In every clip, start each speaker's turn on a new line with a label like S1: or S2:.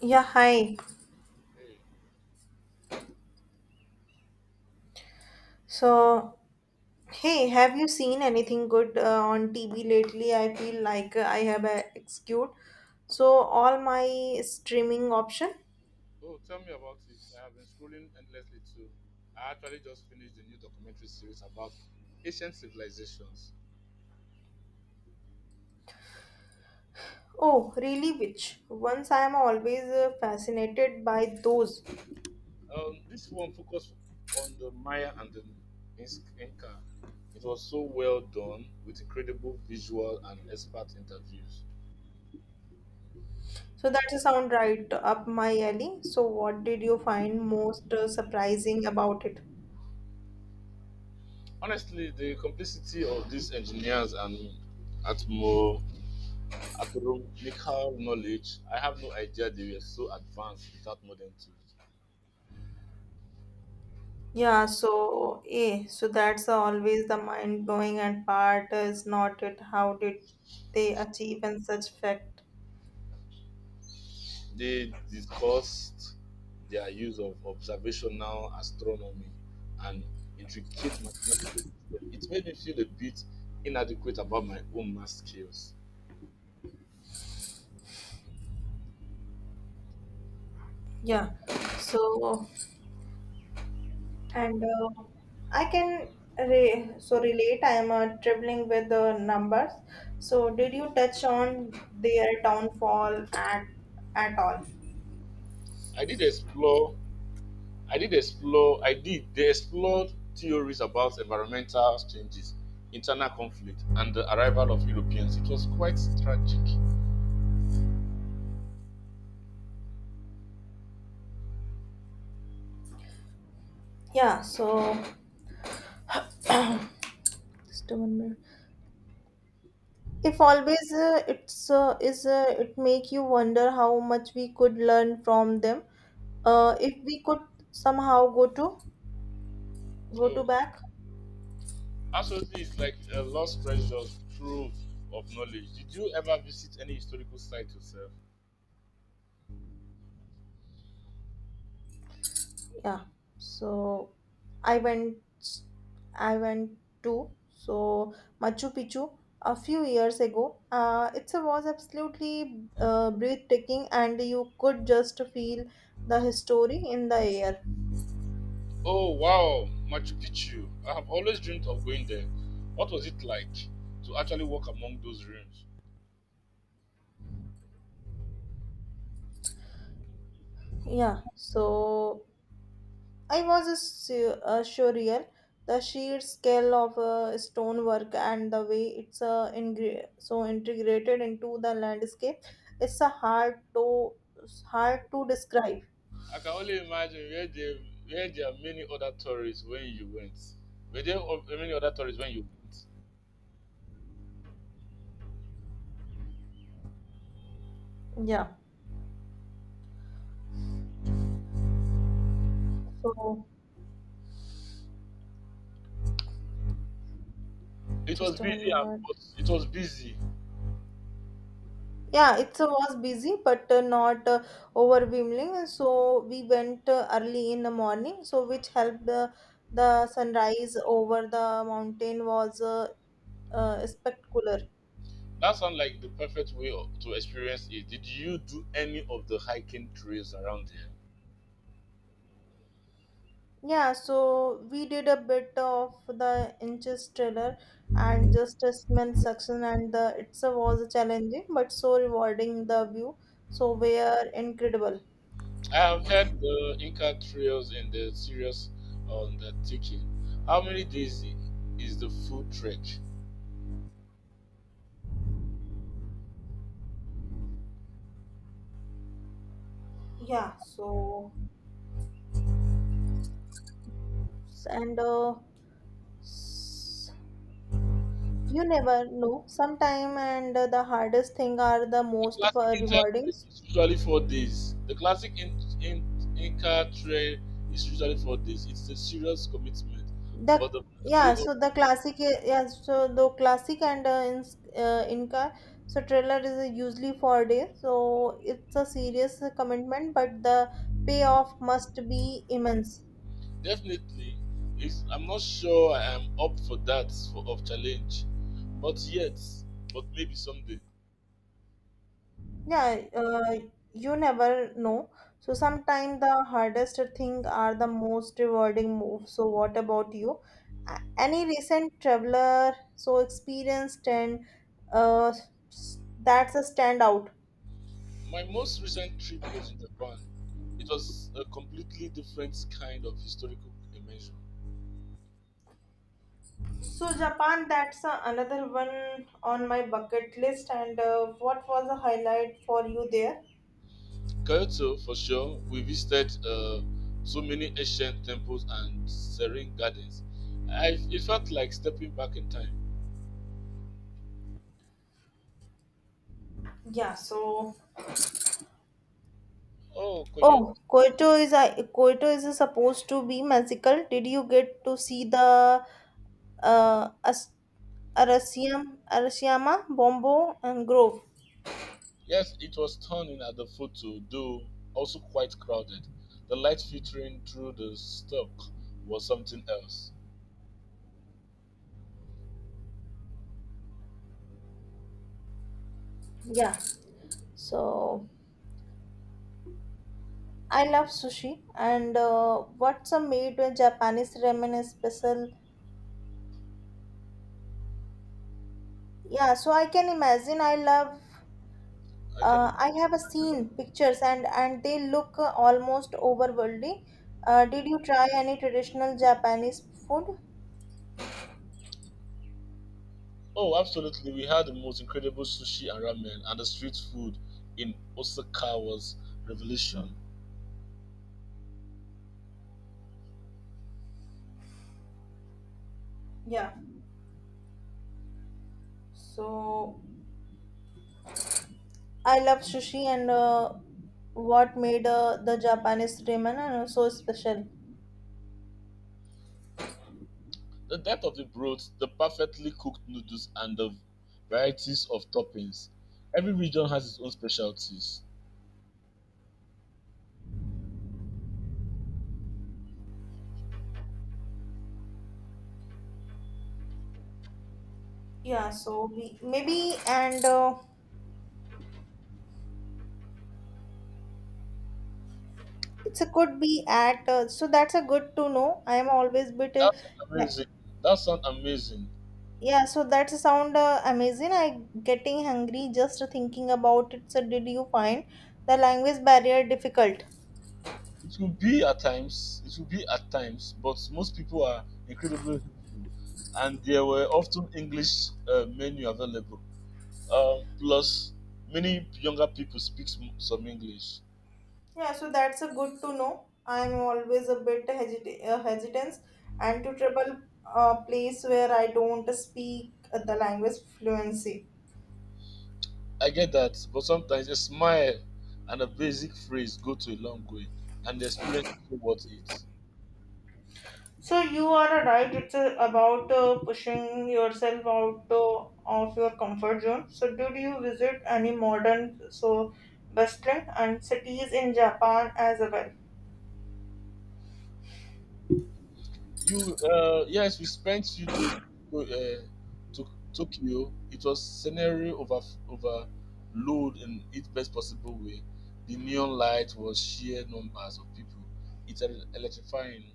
S1: Yeah, hi.
S2: Hey,
S1: So, hey, have you seen anything good on TV lately? I feel like I have excused all my streaming option.
S2: oh, tell me about it. I have been scrolling endlessly too. I actually just finished the new documentary series about ancient civilizations.
S1: Oh, really? Which ones? I am always fascinated by those.
S2: This one focused on the Maya and the Inca. It was so well done with incredible visual and expert interviews.
S1: So that's a sound right up my alley. So what did you find most surprising about it?
S2: Honestly, the complexity of these engineers and atmo astronomical knowledge, I have no idea they were so advanced without modern tools.
S1: So that's always the mind blowing and part is not it. How did they achieve in such fact?
S2: They discussed their use of observational astronomy and intricate mathematical systems. It made me feel a bit inadequate about my own math skills.
S1: Yeah. So, and I can relate, I am traveling with the numbers, so did you touch on their downfall at all?
S2: I did explore, I did explore, I did. They explored theories about environmental changes, internal conflict, and the arrival of Europeans. It was quite tragic.
S1: Yeah. So, just one minute. If always it make you wonder how much we could learn from them, if we could somehow go to
S2: Oh,
S1: back.
S2: absolutely, it's like a lost treasure trove of knowledge. Did you ever visit any historical site yourself?
S1: Yeah, so i went I went to, so Machu Picchu a few years ago. It was absolutely breathtaking, and you could just feel the history in the air.
S2: Oh wow, Machu Picchu. I have always dreamed of going there. What was it like to actually walk among those ruins?
S1: Yeah, so I was a surreal. The sheer scale of stonework and the way it's integrated into the landscape, it's a hard to describe.
S2: I can only imagine where there are many other tourists when you went. Were there many other tourists when you went?
S1: Yeah. So,
S2: It was
S1: just a one
S2: busy,
S1: minute.
S2: but it was busy.
S1: Yeah, it was busy but not overwhelming. So we went early in the morning, so which helped, the sunrise over the mountain was spectacular.
S2: That sounds like the perfect to experience it. Did you do any of the hiking trails around there?
S1: Yeah, so we did a bit of the inches trailer and just a smell section, and the it was challenging but so rewarding. The view were incredible.
S2: I have heard the Inca trails and the serious undertaking. How many days is the full trek?
S1: Yeah, so and You never know. Sometime, and the hardest thing are the
S2: The
S1: most
S2: classic Inca
S1: rewarding.
S2: trek is usually four days. The classic Inca trail is usually 4 days. It's a serious commitment,
S1: The
S2: but the
S1: yeah,
S2: payoff
S1: so the classic yeah, so the classic and in Inca trailer is usually four days. So it's a serious commitment, but the payoff must be immense.
S2: definitely is. I'm not sure I am up for that for of challenge, but yet, but maybe someday.
S1: Yeah, you never know. So sometimes the hardest thing are the most rewarding moves. So what about you? Any recent traveler experienced and uh, that's a standout.
S2: My most recent trip was in Japan. It was a completely different kind of historical immersion.
S1: So Japan, that's another one on my bucket list. And what was the highlight for you there?
S2: Kyoto, for sure, we visited so many ancient temples and serene gardens. It felt like stepping back in time.
S1: Yeah, so
S2: Oh, Koyo.
S1: Oh, Kyoto is supposed to be magical. Did you get to see the uh, As- Arasiam, Arasiyama, Bombo, and Grove?
S2: Yes, it was stunning at the photo, though also quite crowded. The light filtering through the stock was something else.
S1: Yeah. So I love sushi, and what's a made with Japanese ramen is special. Yeah. So I can imagine. I love.
S2: I can
S1: I have a
S2: imagine.
S1: seen pictures, and they look almost overworldly. Did you try any traditional Japanese food?
S2: Oh, absolutely. We had the most incredible sushi and ramen, and the street food in Osaka was revelation.
S1: Yeah. So I love sushi and what made the Japanese ramen so special.
S2: The depth of the broth, the perfectly cooked noodles, and the varieties of toppings. Every region has its own specialties.
S1: Yeah, so we, maybe and it's a could be at so that's a good to know. I am always bit
S2: That sounds amazing. That sounds amazing.
S1: yeah. So that's a sound amazing. I getting hungry just thinking about it. So did you find the language barrier difficult?
S2: It will be at times, but most people are incredibly helpful, and there were often English menu available. Plus, many younger people speak some English.
S1: Yeah, so that's a good to know. I'm always a bit hesitant and to travel a place where I don't speak the language fluency.
S2: I get that, but sometimes a smile and a basic phrase go to a long way, and the experience is worth it.
S1: So you are right. It's about pushing yourself out of your comfort zone. So did you visit any modern western and cities in Japan as well?
S2: Yes, we spent few days to, uh, to Tokyo. It was scenery overload in its best possible way. The neon light was sheer numbers of people. It's electrifying.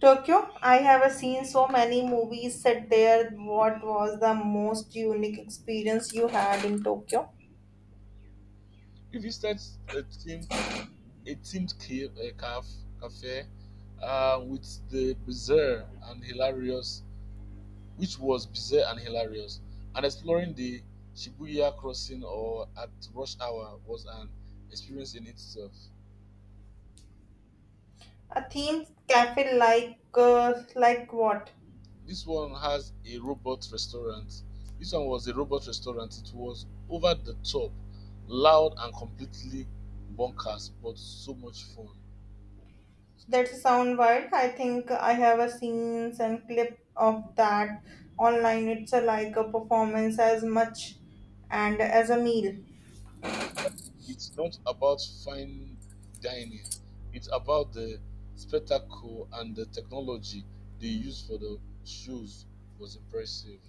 S1: Tokyo. I have seen so many movies set there. What was the most unique experience you had in Tokyo?
S2: We visited a team a themed cafe with the bizarre and hilarious, which was bizarre and hilarious, and exploring the Shibuya crossing or at rush hour was an experience in itself.
S1: A theme cafe like what?
S2: This one has a robot restaurant. This one was a robot restaurant. It was over the top, loud and completely bonkers, but so much fun.
S1: That sound wild. I think I have a scenes and clip of that online. It's a, like a performance as much and as a meal.
S2: It's, it's not about fine dining. It's about the spectacle and the technology they used for the shows was impressive.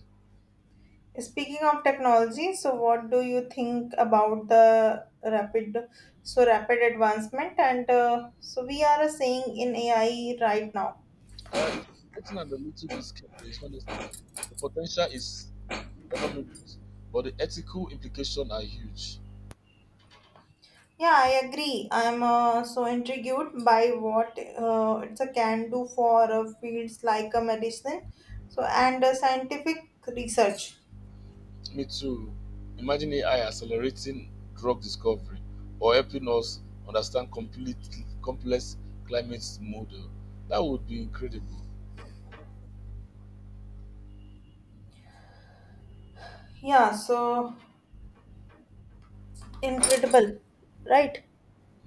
S1: Speaking of technology, so what do you think about the rapid advancement and we are saying in AI right now?
S2: It's getting a little bit scary, honestly. The potential is enormous, but the ethical implications are huge.
S1: Yeah, I agree. I'm so intrigued by what it's a can do for fields like a medicine, so and scientific research.
S2: Me to imagine AI accelerating drug discovery or helping us understand complete complex climate model. That would be incredible.
S1: Yeah, so incredible, right?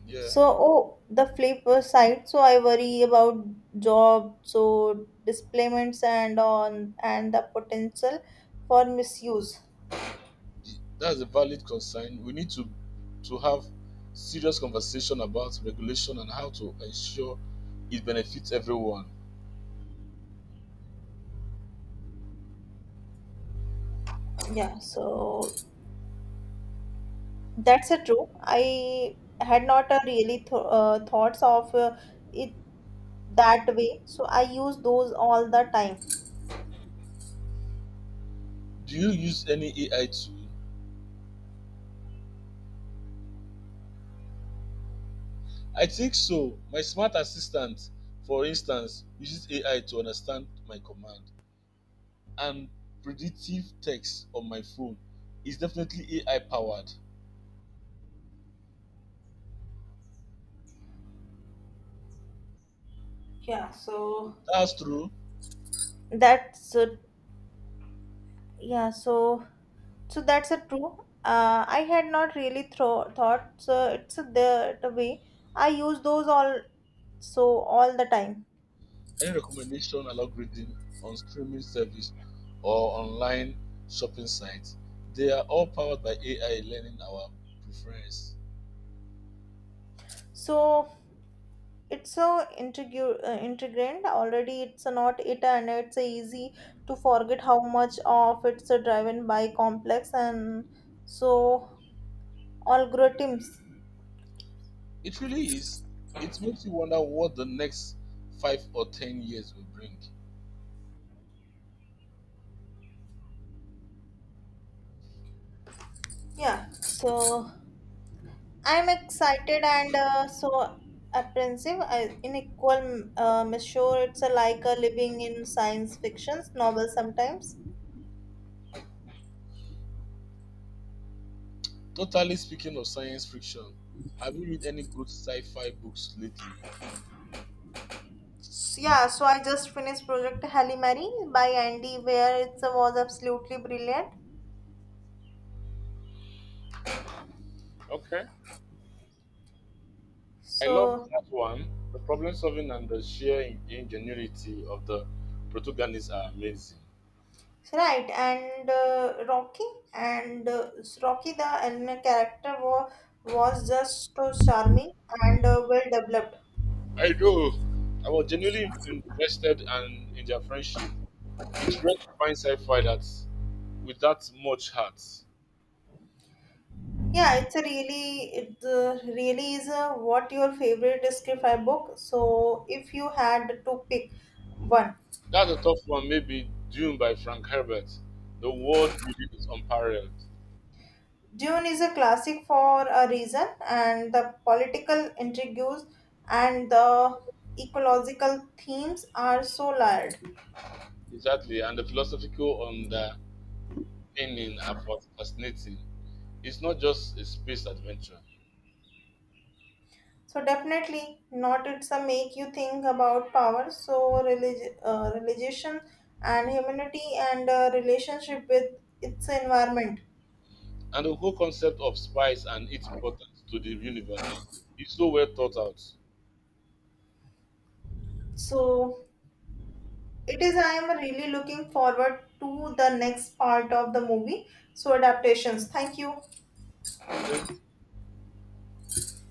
S2: Yeah,
S1: So, oh, the flip side. So I worry about job, so displacements and on and the potential for misuse.
S2: that's a valid concern. We need to have serious conversation about regulation and how to ensure it benefits everyone.
S1: Yeah, so that's a true. I had not really thoughts of it that way, so I use those all the time.
S2: Do you use any AI tool? I think so. My smart assistant, for instance, uses AI to understand my command and predictive text on my phone is definitely AI powered.
S1: Yeah, so
S2: That's true.
S1: that's uh, yeah so so that's a true. I had not really thought, so it's a, the way I use those all the time.
S2: Any recommendation algorithm on streaming service or online shopping sites, they are all powered by AI learning our preference.
S1: So it's so integral integrant already, it's a not it, and it's a easy to forget how much of it's a driven by complex and so algorithms.
S2: It really is. It makes you wonder what the next 5 or 10 years will bring.
S1: Yeah, so I'm excited and apprehensive, I, in equal measure. It's a, like a living in science fiction novel sometimes.
S2: Totally speaking of science fiction, have you read any good sci fi books lately?
S1: Yeah, so I just finished Project Halle Mary by Andy, where it was absolutely brilliant.
S2: Okay. I love
S1: So
S2: that one. The problem solving and the sheer ingenuity of the protagonists are amazing.
S1: right, and Rocky the Elena character was just so charming and well developed.
S2: I do. I was genuinely invested and in their friendship. It's rare to find sci-fi that with that much heart.
S1: Yeah, it's a really, it really is a what your favorite sci-fi book. So, if you had to pick one,
S2: That's a tough one, maybe Dune by Frank Herbert. The world building is unparalleled.
S1: Dune is a classic for a reason, and the political intrigues and the ecological themes are so layered.
S2: Exactly, and the philosophical underpinning are fascinating. It's not just a space adventure.
S1: So, definitely not. It's a make you think about power, so religion, and humanity, and relationship with its environment.
S2: And the whole concept of spice and its importance to the universe is so well thought out.
S1: So, it is I am really looking forward to the next part of the movie adaptations, thank you.
S2: Thank